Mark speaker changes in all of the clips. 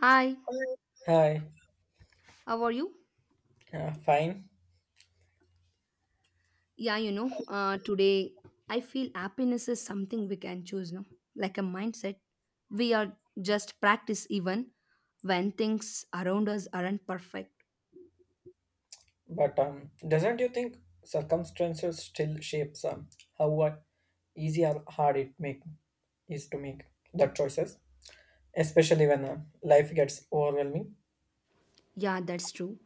Speaker 1: Hi,
Speaker 2: Hi,
Speaker 1: how are you?
Speaker 2: fine,
Speaker 1: Yeah, today I feel happiness is something we can choose, no? Like a mindset. We are just practice even when things around us aren't perfect.
Speaker 2: but doesn't you think circumstances still shapes how what easy or hard it make is to make the choices, especially when life gets overwhelming.
Speaker 1: Yeah, that's true.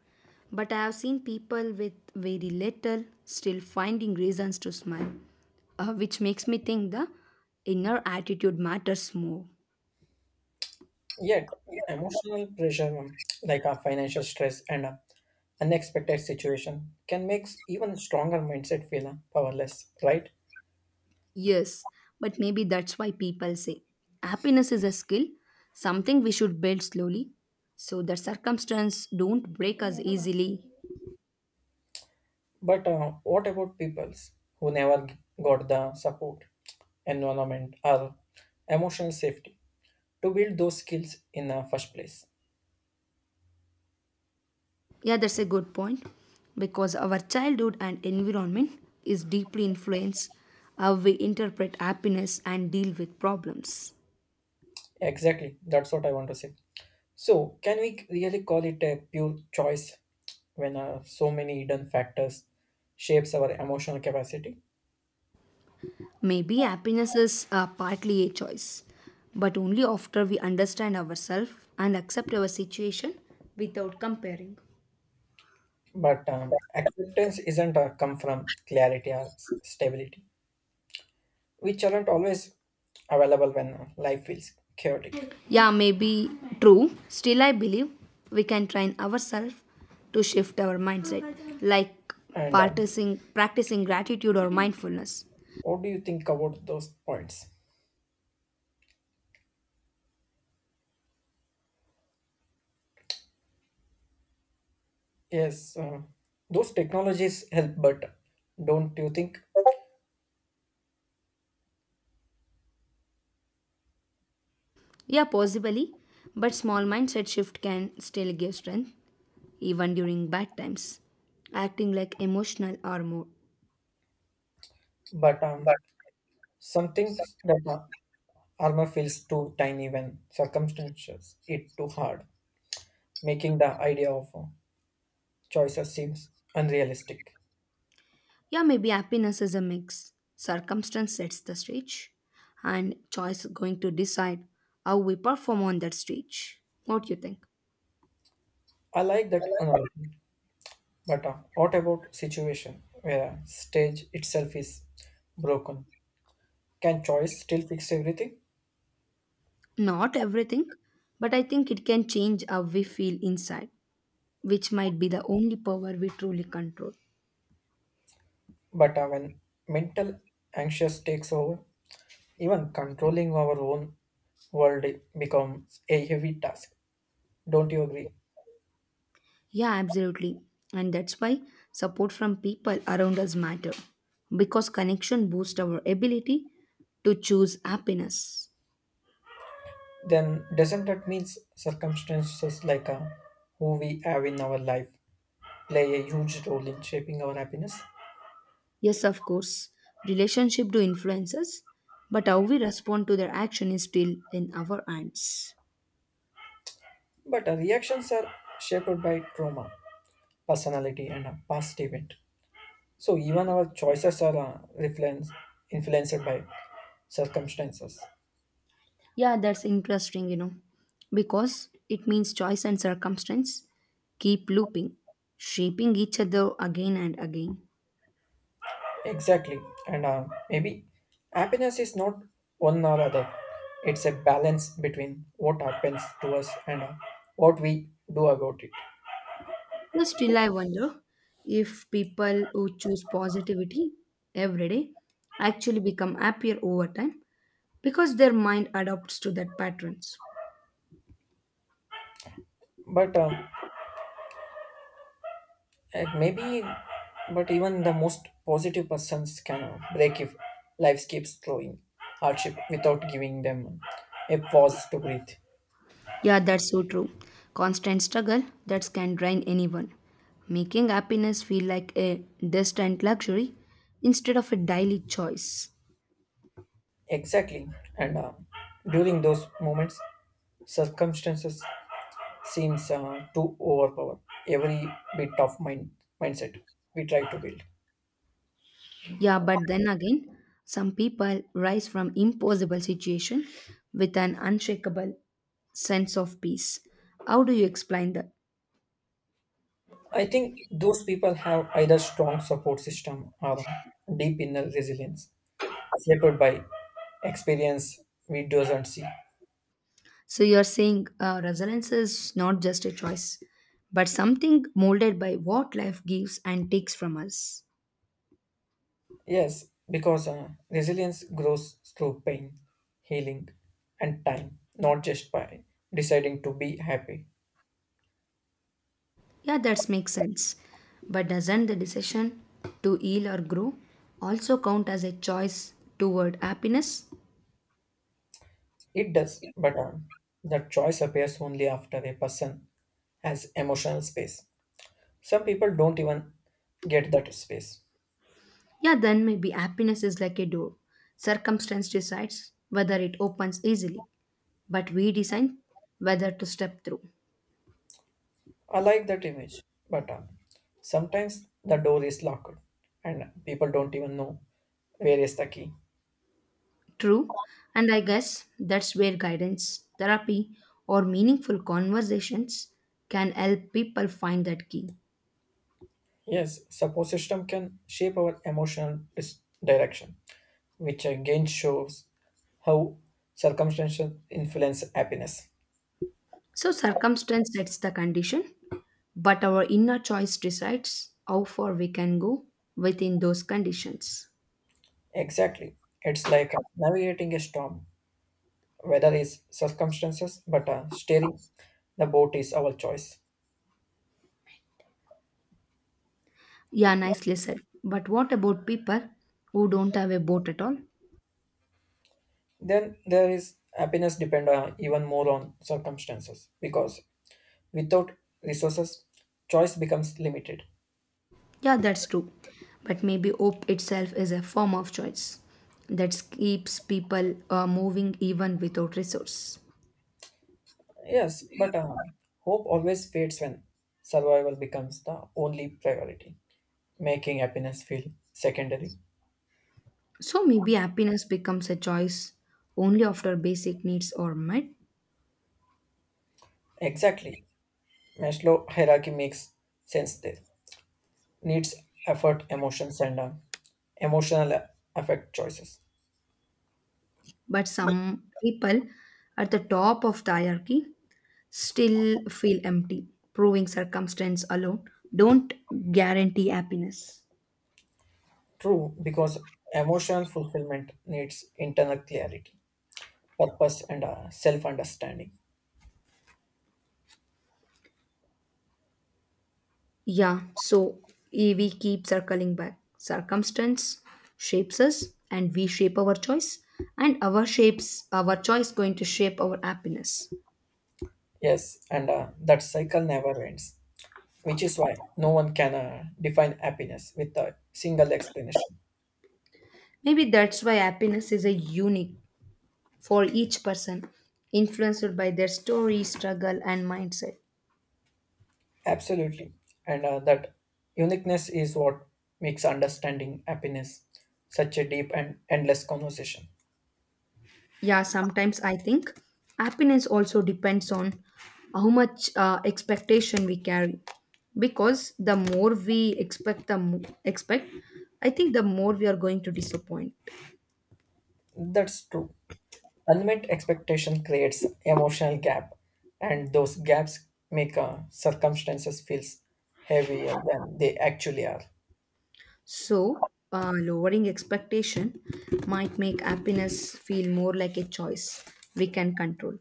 Speaker 1: But I have seen people with very little still finding reasons to smile, which makes me think the inner attitude matters more.
Speaker 2: Yet, emotional pressure like a financial stress and unexpected situation can make even stronger mindset feel powerless, right?
Speaker 1: Yes, but maybe that's why people say happiness is a skill, something we should build slowly so that circumstance don't break us easily.
Speaker 2: But what about peoples who never got the support, environment, or emotional safety? To build those skills in the first place.
Speaker 1: Yeah, that's a good point because our childhood and environment is deeply influenced how we interpret happiness and deal with problems.
Speaker 2: Exactly, that's what I want to say. So, can we really call it a pure choice when so many hidden factors shapes our emotional capacity?
Speaker 1: Maybe happiness is partly a choice, but only after we understand ourselves and accept our situation without comparing.
Speaker 2: But acceptance isn't come from clarity or stability, which aren't always available when life feels chaotic.
Speaker 1: Yeah, maybe true. Still, I believe we can train ourselves to shift our mindset, like
Speaker 2: And
Speaker 1: practicing gratitude or mindfulness.
Speaker 2: What do you think about those points? Yes, those technologies help, but don't you think?
Speaker 1: Yeah, possibly, but small mindset shift can still give strength even during bad times, acting like emotional or mood.
Speaker 2: But Some things that a armor feels too tiny when circumstances it too hard, making the idea of choices seems unrealistic.
Speaker 1: Yeah, maybe happiness is a mix. Circumstance sets the stage, and choice going to decide how we perform on that stage. What do you think?
Speaker 2: I like that analogy, but what about situation where stage itself is broken? Can choice still fix everything?
Speaker 1: Not everything, but I think it can change how we feel inside, which might be the only power we truly control.
Speaker 2: But when mental anxious takes over, even controlling our own world becomes a heavy task. Don't you agree?
Speaker 1: Yeah, absolutely. And that's why support from people around us matter because connection boosts our ability to choose happiness.
Speaker 2: Then doesn't that means circumstances like who we have in our life play a huge role in shaping our happiness.
Speaker 1: Yes, of course, relationship do influence us, but how we respond to their action is still in our hands.
Speaker 2: But our reactions are shaped by trauma personality and a past event, so even our choices are influenced by circumstances.
Speaker 1: Yeah, that's interesting, because it means choice and circumstance keep looping, shaping each other again and again.
Speaker 2: Exactly, and maybe happiness is not one or other. It's a balance between what happens to us and what we do about it.
Speaker 1: But still, I wonder if people who choose positivity every day actually become happier over time because their mind adapts to that patterns.
Speaker 2: But Like maybe, but even the most positive persons can break if life keeps throwing hardship without giving them a pause to breathe.
Speaker 1: Yeah, that's so true. Constant struggle that can drain anyone, making happiness feel like a distant luxury instead of a daily choice.
Speaker 2: Exactly, and during those moments, circumstances seems to overpower every bit of mindset we try to build.
Speaker 1: Yeah, but then again, some people rise from impossible situation with an unshakable sense of peace. How do you explain that?
Speaker 2: I think those people have either strong support system or deep inner resilience, shaped by experience we doesn't see.
Speaker 1: So you're saying resilience is not just a choice, but something molded by what life gives and takes from us.
Speaker 2: Yes, because resilience grows through pain, healing, and time, not just by deciding to be happy.
Speaker 1: Yeah, that makes sense. But doesn't the decision to heal or grow also count as a choice toward happiness?
Speaker 2: It does, but the choice appears only after a person has emotional space. Some people don't even get that space.
Speaker 1: Yeah, then maybe happiness is like a door. Circumstance decides whether it opens easily, but we decide whether to step through.
Speaker 2: I like that image, but sometimes the door is locked and people don't even know where is the key.
Speaker 1: True, and I guess that's where guidance, therapy, or meaningful conversations can help people find that key.
Speaker 2: Yes, support system can shape our emotional direction, which again shows how circumstances influence happiness.
Speaker 1: So, circumstance sets the condition, but our inner choice decides how far we can go within those conditions.
Speaker 2: Exactly. It's like navigating a storm. Weather is circumstances, but steering the boat is our choice.
Speaker 1: Yeah, nicely said. But what about people who don't have a boat at all?
Speaker 2: Then there is happiness depend even more on circumstances because without resources, choice becomes limited.
Speaker 1: Yeah, that's true. But maybe hope itself is a form of choice that keeps people moving even without resource.
Speaker 2: Yes, but hope always fades when survival becomes the only priority, making happiness feel secondary.
Speaker 1: So maybe happiness becomes a choice only after basic needs are met.
Speaker 2: Exactly. Maslow hierarchy makes sense there. Needs, effort, emotions, and emotional affect choices.
Speaker 1: But some people at the top of the hierarchy still feel empty, proving circumstance alone don't guarantee happiness.
Speaker 2: True, because emotional fulfillment needs internal clarity, purpose, and self understanding.
Speaker 1: Yeah, so we keep circling back. Circumstance shapes us and we shape our choice and our shapes our choice going to shape our happiness.
Speaker 2: Yes, and that cycle never ends, which is why no one can define happiness with a single explanation.
Speaker 1: Maybe that's why happiness is a unique for each person, influenced by their story, struggle and mindset.
Speaker 2: Absolutely. And that uniqueness is what makes understanding happiness such a deep and endless conversation.
Speaker 1: Yeah, sometimes I think happiness also depends on how much expectation we carry. Because the more we expect, I think the more we are going to disappoint.
Speaker 2: That's true. Unmet expectation creates emotional gap, and those gaps make circumstances feels heavier than they actually are.
Speaker 1: So, lowering expectation might make happiness feel more like a choice we can control.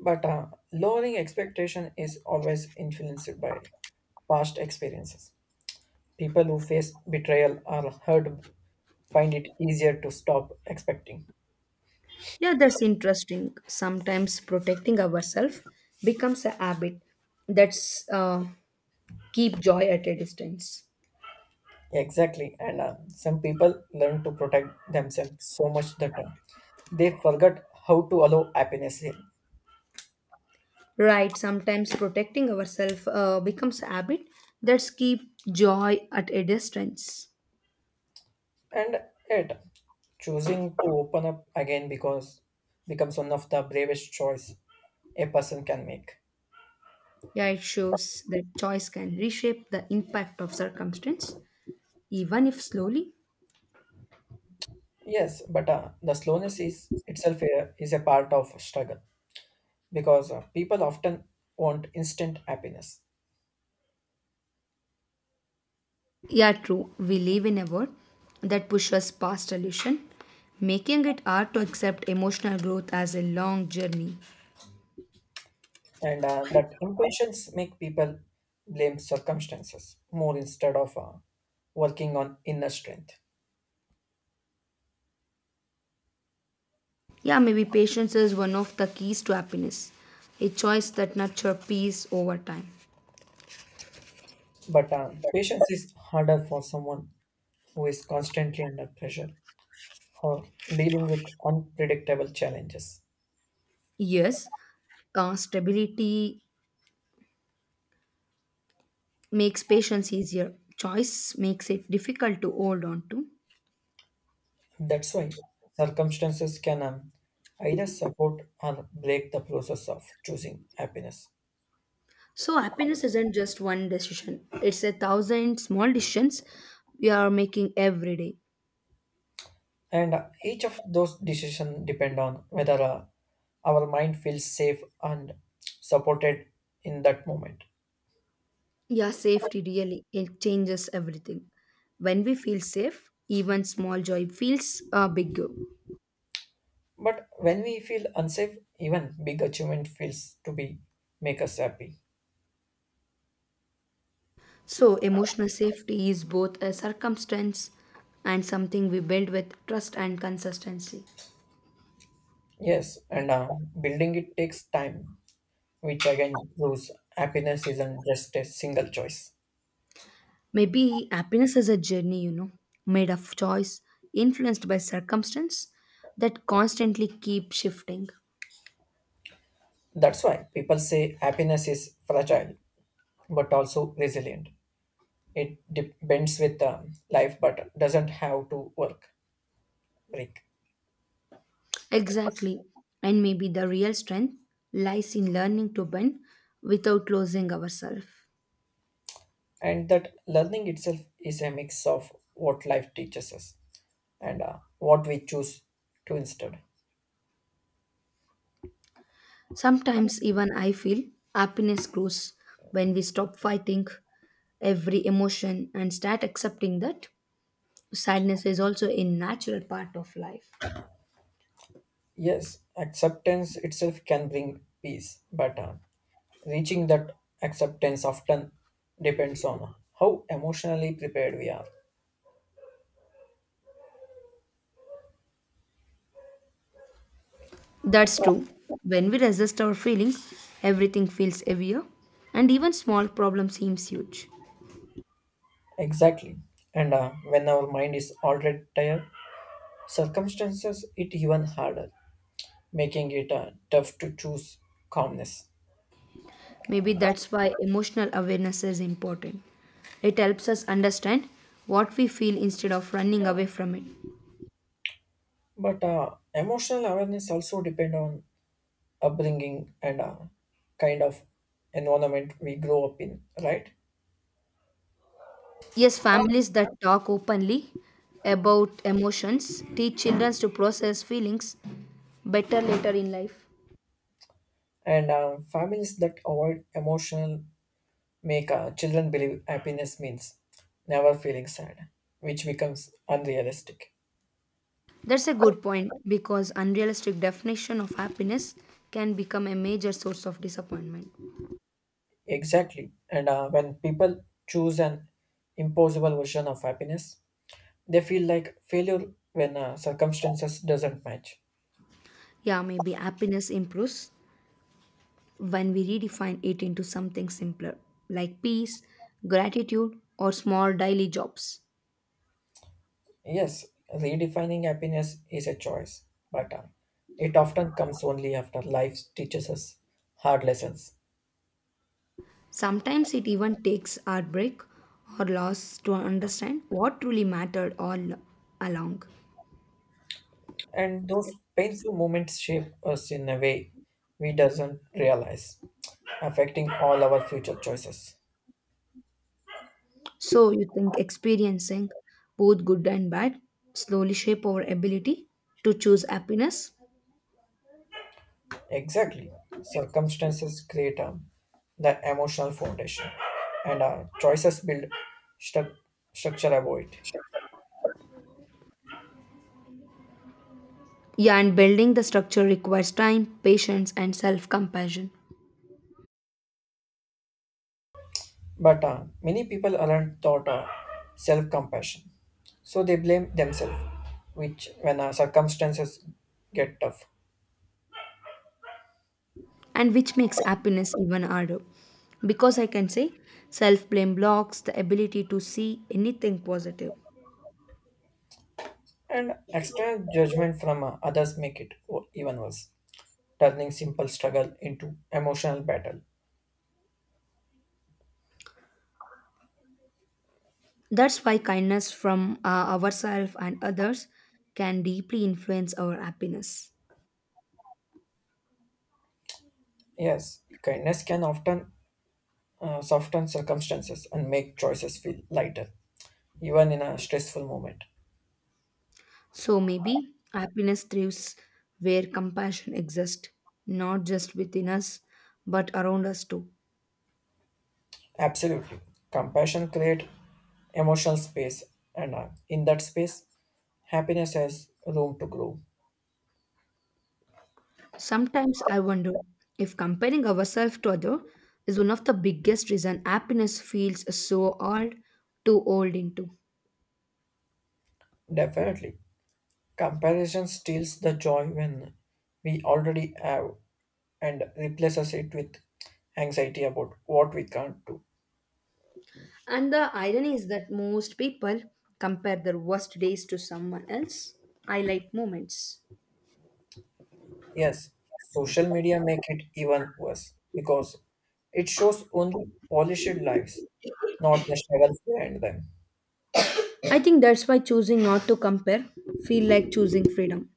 Speaker 2: But lowering expectation is always influenced by past experiences. People who face betrayal or hurt find it easier to stop expecting.
Speaker 1: Yeah, that's interesting. Sometimes protecting ourselves becomes a habit that's keep joy at a distance.
Speaker 2: Exactly, and some people learn to protect themselves so much that they forget how to allow happiness here.
Speaker 1: Right, sometimes protecting ourselves becomes a habit that's keep joy at a distance.
Speaker 2: And yet, choosing to open up again because becomes one of the bravest choice a person can make.
Speaker 1: Yeah, it shows that choice can reshape the impact of circumstance, even if slowly.
Speaker 2: Yes, but the slowness is is a part of struggle because people often want instant happiness,
Speaker 1: Yeah, true. We live in a world that pushes past illusion, making it hard to accept emotional growth as a long journey.
Speaker 2: and that impatience make people blame circumstances more instead of working on inner strength.
Speaker 1: Yeah, maybe patience is one of the keys to happiness, a choice that nurtures peace over time.
Speaker 2: But patience is harder for someone who is constantly under pressure or dealing with unpredictable challenges.
Speaker 1: Yes, stability makes patience easier. Choice makes it difficult to hold on to.
Speaker 2: That's why circumstances can either support or break the process of choosing happiness.
Speaker 1: So happiness isn't just one decision. It's a thousand small decisions we are making every day.
Speaker 2: And each of those decisions depend on whether our mind feels safe and supported in that moment.
Speaker 1: Yeah, safety really it changes everything. When we feel safe, even small joy feels bigger.
Speaker 2: But when we feel unsafe, even big achievement feels to be make us happy.
Speaker 1: So emotional safety is both a circumstance and something we build with trust and consistency.
Speaker 2: Yes, and building it takes time, which again proves happiness isn't just a single choice.
Speaker 1: Maybe happiness is a journey, made of choice, influenced by circumstance that constantly keep shifting.
Speaker 2: That's why people say happiness is fragile but also resilient. It bends with life, but doesn't break.
Speaker 1: Exactly. And maybe the real strength lies in learning to bend without losing ourselves.
Speaker 2: And that learning itself is a mix of what life teaches us and what we choose to instead.
Speaker 1: Sometimes even I feel happiness grows when we stop fighting every emotion and start accepting that sadness is also a natural part of life.
Speaker 2: Yes, acceptance itself can bring peace, but reaching that acceptance often depends on how emotionally prepared we are.
Speaker 1: That's true. When we resist our feelings, everything feels heavier, and even small problems seems huge.
Speaker 2: Exactly. And when our mind is already tired, circumstances it even harder, making it tough to choose calmness.
Speaker 1: Maybe that's why emotional awareness is important. It helps us understand what we feel instead of running away from it.
Speaker 2: But emotional awareness also depend on upbringing and kind of environment we grow up in, right?
Speaker 1: Yes, families that talk openly about emotions teach children to process feelings better later in life.
Speaker 2: And families that avoid emotional make children believe happiness means never feeling sad, which becomes unrealistic.
Speaker 1: That's a good point because unrealistic definition of happiness can become a major source of disappointment.
Speaker 2: Exactly. And when people choose an impossible version of happiness, they feel like failure when circumstances doesn't match.
Speaker 1: Yeah, maybe happiness improves when we redefine it into something simpler, like peace, gratitude, or small daily jobs.
Speaker 2: Yes, redefining happiness is a choice, but it often comes only after life teaches us hard lessons.
Speaker 1: Sometimes it even takes heartbreak or loss to understand what truly mattered all along.
Speaker 2: And those painful moments shape us in a way we doesn't realize, affecting all our future choices.
Speaker 1: So, you think experiencing both good and bad slowly shape our ability to choose happiness?
Speaker 2: Exactly. Circumstances create the emotional foundation, and choices build stru- structure about it.
Speaker 1: Yeah, and building the structure requires time, patience, and self compassion.
Speaker 2: But many people aren't taught self compassion. So they blame themselves, which when circumstances get tough.
Speaker 1: And which makes happiness even harder. Because I can say self blame blocks the ability to see anything positive.
Speaker 2: And external judgment from others make it even worse, turning simple struggle into emotional battle.
Speaker 1: That's why kindness from ourselves and others can deeply influence our happiness.
Speaker 2: Yes, kindness can often soften circumstances and make choices feel lighter, even in a stressful moment.
Speaker 1: So maybe happiness thrives where compassion exists, not just within us, but around us too.
Speaker 2: Absolutely. Compassion creates emotional space, and in that space, happiness has room to grow.
Speaker 1: Sometimes I wonder if comparing ourselves to others is one of the biggest reason happiness feels so hard to hold into.
Speaker 2: Definitely. Comparison steals the joy when we already have and replaces it with anxiety about what we can't do.
Speaker 1: And the irony is that most people compare their worst days to someone else's highlight moments.
Speaker 2: Yes, social media make it even worse because it shows only polished lives, not the struggles behind them.
Speaker 1: I think that's why choosing not to compare feel like choosing freedom.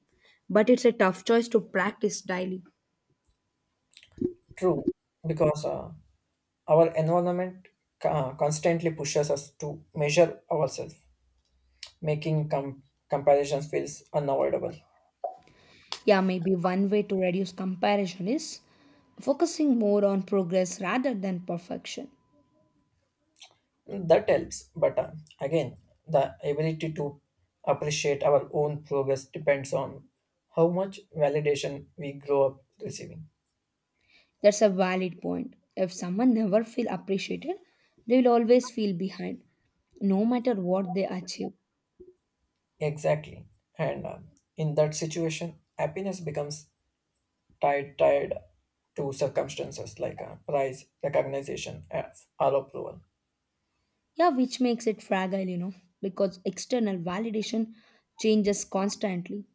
Speaker 1: But it's a tough choice to practice daily.
Speaker 2: True, because our environment constantly pushes us to measure ourselves, making comparisons feels unavoidable.
Speaker 1: Yeah, maybe one way to reduce comparison is focusing more on progress rather than perfection.
Speaker 2: That helps, but again, the ability to appreciate our own progress depends on how much validation we grow up receiving.
Speaker 1: That's a valid point. If someone never feel appreciated, they will always feel behind no matter what they achieve.
Speaker 2: Exactly. And in that situation, happiness becomes tied to circumstances like prize, recognition, or approval.
Speaker 1: Yeah, which makes it fragile, because external validation changes constantly.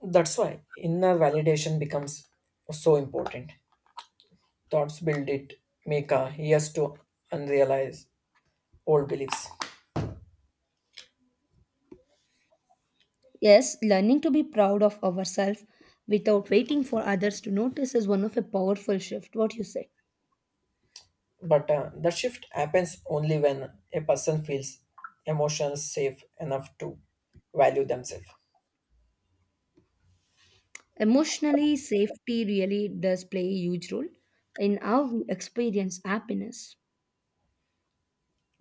Speaker 2: That's why inner validation becomes so important. Thoughts build it, make a yes to unrealized old beliefs.
Speaker 1: Yes, learning to be proud of ourselves without waiting for others to notice is one of a powerful shift, what you say.
Speaker 2: But the shift happens only when a person feels emotions safe enough to value themselves.
Speaker 1: Emotionally, safety really does play a huge role in how we experience happiness.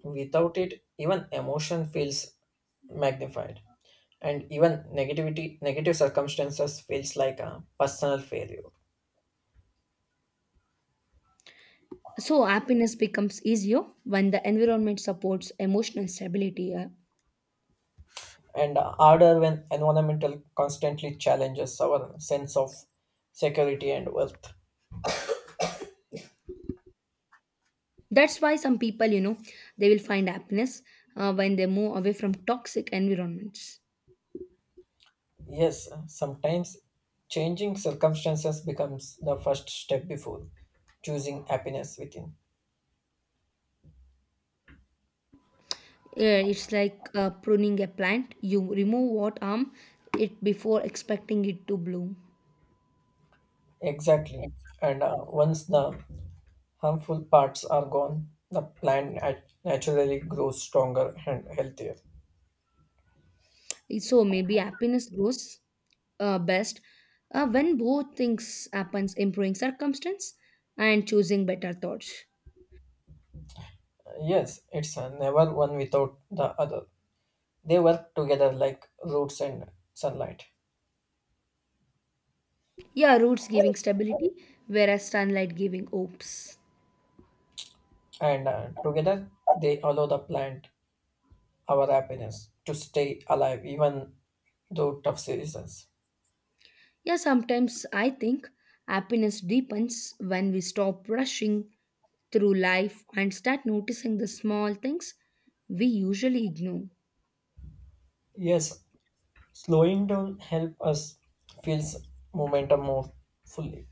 Speaker 2: Without it, even emotion feels magnified, and even negative circumstances feels like a personal failure.
Speaker 1: So, happiness becomes easier when the environment supports emotional stability. uh,
Speaker 2: And harder when environmental constantly challenges our sense of security and worth.
Speaker 1: that's why some people, they will find happiness when they move away from toxic environments.
Speaker 2: Yes, sometimes changing circumstances becomes the first step before choosing happiness within.
Speaker 1: Yeah, it's like pruning a plant. You remove what harm it before expecting it to bloom.
Speaker 2: Exactly. And once the harmful parts are gone, the plant naturally grows stronger and healthier.
Speaker 1: So maybe happiness grows best when both things happens, improving circumstance and choosing better thoughts.
Speaker 2: Yes, it's never one without the other. They work together like roots and sunlight.
Speaker 1: Yeah, roots giving stability, whereas sunlight giving hopes.
Speaker 2: And together, they allow the plant, our happiness, to stay alive even though tough seasons.
Speaker 1: Yeah, sometimes I think happiness deepens when we stop rushing through life and start noticing the small things we usually ignore.
Speaker 2: Yes, slowing down help us feels momentum more fully.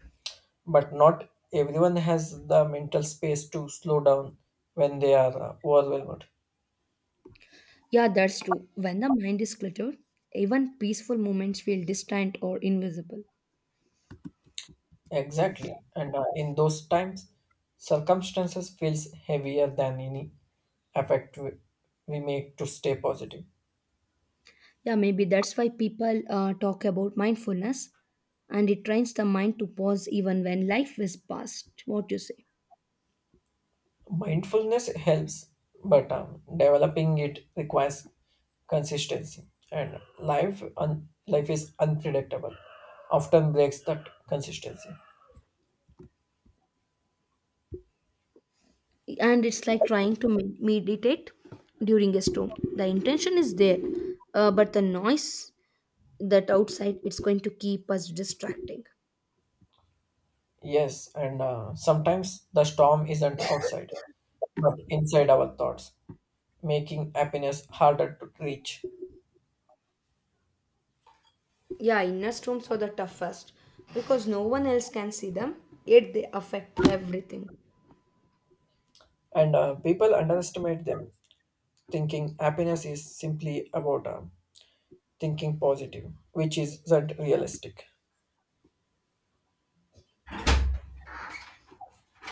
Speaker 2: But not everyone has the mental space to slow down when they are overwhelmed.
Speaker 1: Yeah, that's true. When the mind is cluttered, even peaceful moments feel distant or invisible.
Speaker 2: Exactly, and in those times circumstances feels heavier than any effort we make to stay positive.
Speaker 1: Yeah, maybe that's why people talk about mindfulness and it trains the mind to pause even when life is past. What you say?
Speaker 2: Mindfulness helps but developing it requires consistency, and life is unpredictable, often breaks that consistency.
Speaker 1: And it's like trying to meditate during a storm. The intention is there, but the noise that outside it's going to keep us distracting.
Speaker 2: Yes, and sometimes the storm isn't outside but inside our thoughts, making happiness harder to reach.
Speaker 1: Yeah, inner storms are the toughest because no one else can see them, yet they affect everything.
Speaker 2: And people underestimate them, thinking happiness is simply about thinking positive, which isn't realistic.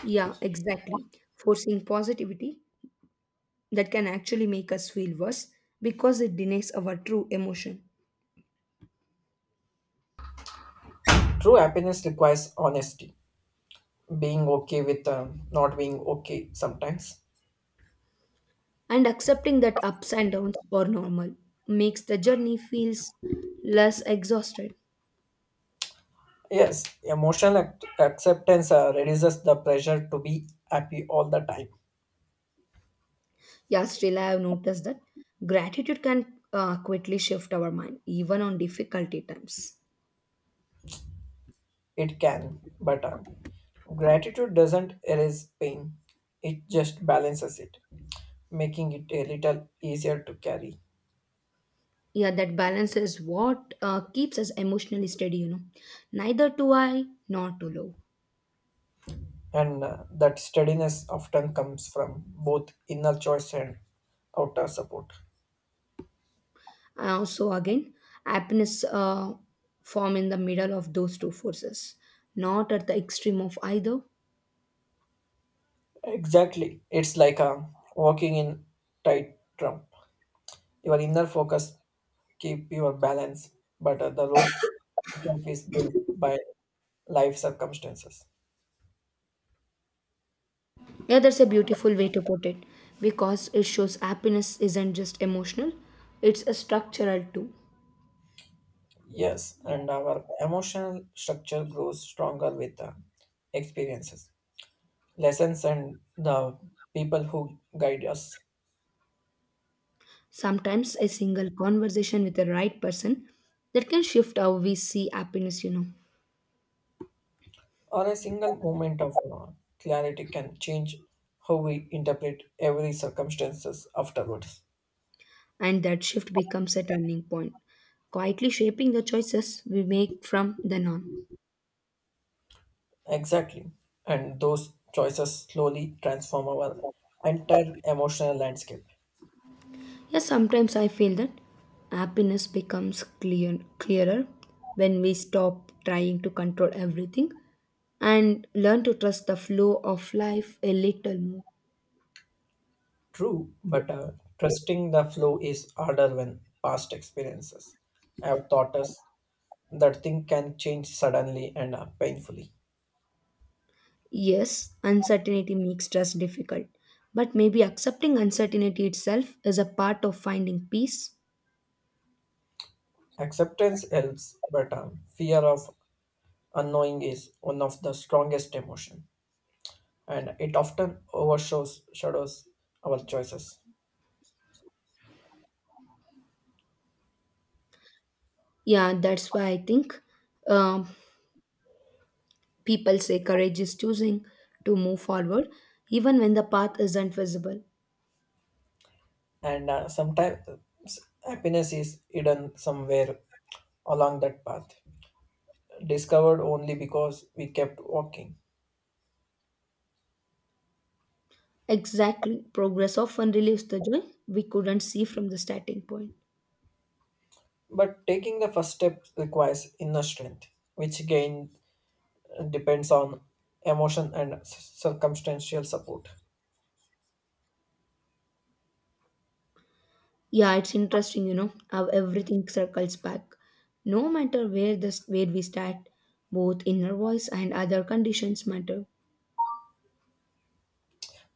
Speaker 1: Yeah, exactly. Forcing positivity that can actually make us feel worse because it denies our true emotion.
Speaker 2: True happiness requires honesty, being okay with not being okay sometimes.
Speaker 1: And accepting that ups and downs are normal makes the journey feels less exhausted.
Speaker 2: Yes, emotional acceptance reduces the pressure to be happy all the time.
Speaker 1: Yeah, still I have noticed that gratitude can quickly shift our mind even on difficulty times.
Speaker 2: It can, but gratitude doesn't erase pain, it just balances it, making it a little easier to carry.
Speaker 1: Yeah, that balance is what keeps us emotionally steady. Neither too high nor too low.
Speaker 2: And that steadiness often comes from both inner choice and outer support.
Speaker 1: So again, happiness form in the middle of those two forces, not at the extreme of either.
Speaker 2: Exactly. It's like walking in tight trump. Your inner focus keep your balance, but the rope itself is built by life circumstances.
Speaker 1: Yeah, that's a beautiful way to put it because it shows happiness isn't just emotional, it's a structural too.
Speaker 2: Yes, and our emotional structure grows stronger with the experiences, lessons, and the people who guide us.
Speaker 1: Sometimes a single conversation with the right person that can shift how we see happiness,
Speaker 2: Or a single moment of clarity can change how we interpret every circumstances afterwards.
Speaker 1: and that shift becomes a turning point, quietly shaping the choices we make from then on.
Speaker 2: Exactly, and those choices slowly transform our entire emotional landscape.
Speaker 1: Yes, sometimes I feel that happiness becomes clearer when we stop trying to control everything and learn to trust the flow of life a little more.
Speaker 2: True, but trusting the flow is harder when past experiences have taught us that thing can change suddenly and painfully.
Speaker 1: Yes, uncertainty makes trust difficult, but maybe accepting uncertainty itself is a part of finding peace.
Speaker 2: Acceptance helps, but fear of unknowing is one of the strongest emotion, and it often overshadows shadows our choices.
Speaker 1: Yeah, that's why I think um, people say courage is choosing to move forward even when the path isn't visible.
Speaker 2: And sometimes happiness is hidden somewhere along that path, discovered only because we kept walking.
Speaker 1: Exactly. Progress often relieves the joy we couldn't see from the starting point.
Speaker 2: But taking the first step requires inner strength, which again depends on emotion and circumstantial support.
Speaker 1: Yeah, it's interesting, how everything circles back. No matter where we start, both inner voice and other conditions matter.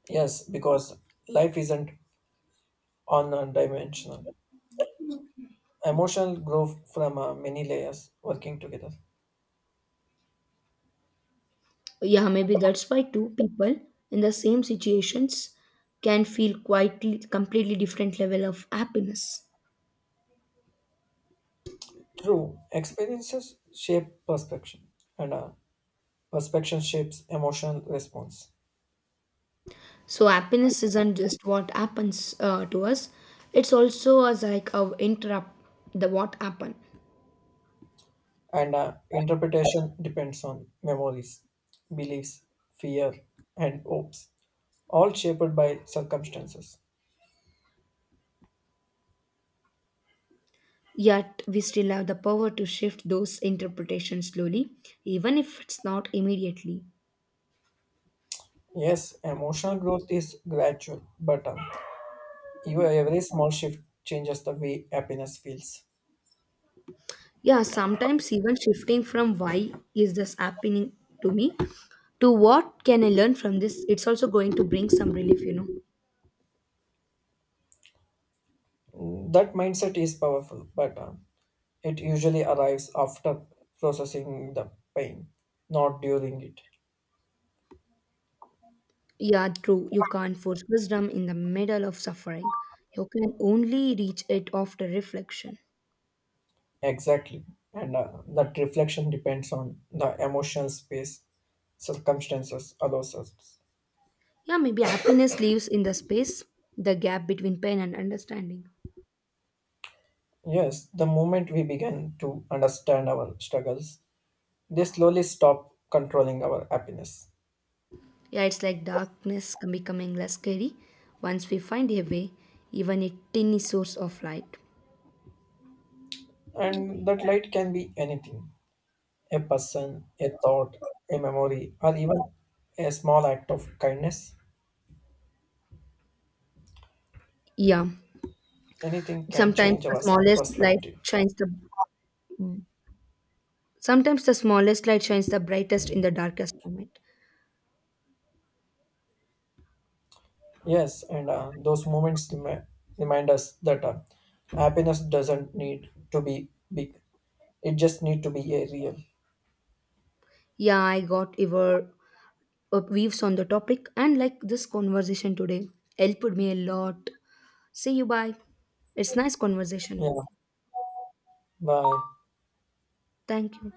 Speaker 2: Yes, because life isn't one dimensional. Emotional growth from many layers working together.
Speaker 1: Yeah, maybe that's why two people in the same situations can feel quite completely different level of happiness.
Speaker 2: True, experiences shape perception, and perception shapes emotional response.
Speaker 1: So happiness isn't just what happens to us; it's also as like how interrupt the what happened.
Speaker 2: And interpretation depends on memories, beliefs, fear, and hopes, all shaped by circumstances.
Speaker 1: Yet, we still have the power to shift those interpretations slowly, even if it's not immediately.
Speaker 2: Yes, emotional growth is gradual, but even every small shift changes the way happiness feels.
Speaker 1: Yeah, sometimes even shifting from why is this happening to me to what can I learn from this, it's also going to bring some relief.
Speaker 2: That mindset is powerful, but it usually arrives after processing the pain, not during it.
Speaker 1: Yeah, true. You can't force wisdom in the middle of suffering. You can only reach it after reflection.
Speaker 2: Exactly. And that reflection depends on the emotional space circumstances allows us.
Speaker 1: Yeah, maybe happiness lives in the space, the gap between pain and understanding.
Speaker 2: Yes, the moment we begin to understand our struggles, they slowly stop controlling our happiness.
Speaker 1: Yeah, it's like darkness can becoming less scary once we find a way, even a tiny source of light.
Speaker 2: And that light can be anything a person, a thought, a memory, or even a small act of kindness.
Speaker 1: Yeah,
Speaker 2: Anything can
Speaker 1: sometimes
Speaker 2: change
Speaker 1: the
Speaker 2: our
Speaker 1: smallest light
Speaker 2: perspective.
Speaker 1: shines the sometimes the smallest light shines the brightest in the darkest moment.
Speaker 2: Yes, and those moments remind us that happiness doesn't need to be big; it just need to be a real.
Speaker 1: Yeah, I got your views on the topic and like this conversation today helped me a lot. See you bye. It's nice conversation
Speaker 2: Yeah.
Speaker 1: with you.
Speaker 2: Bye.
Speaker 1: Thank you.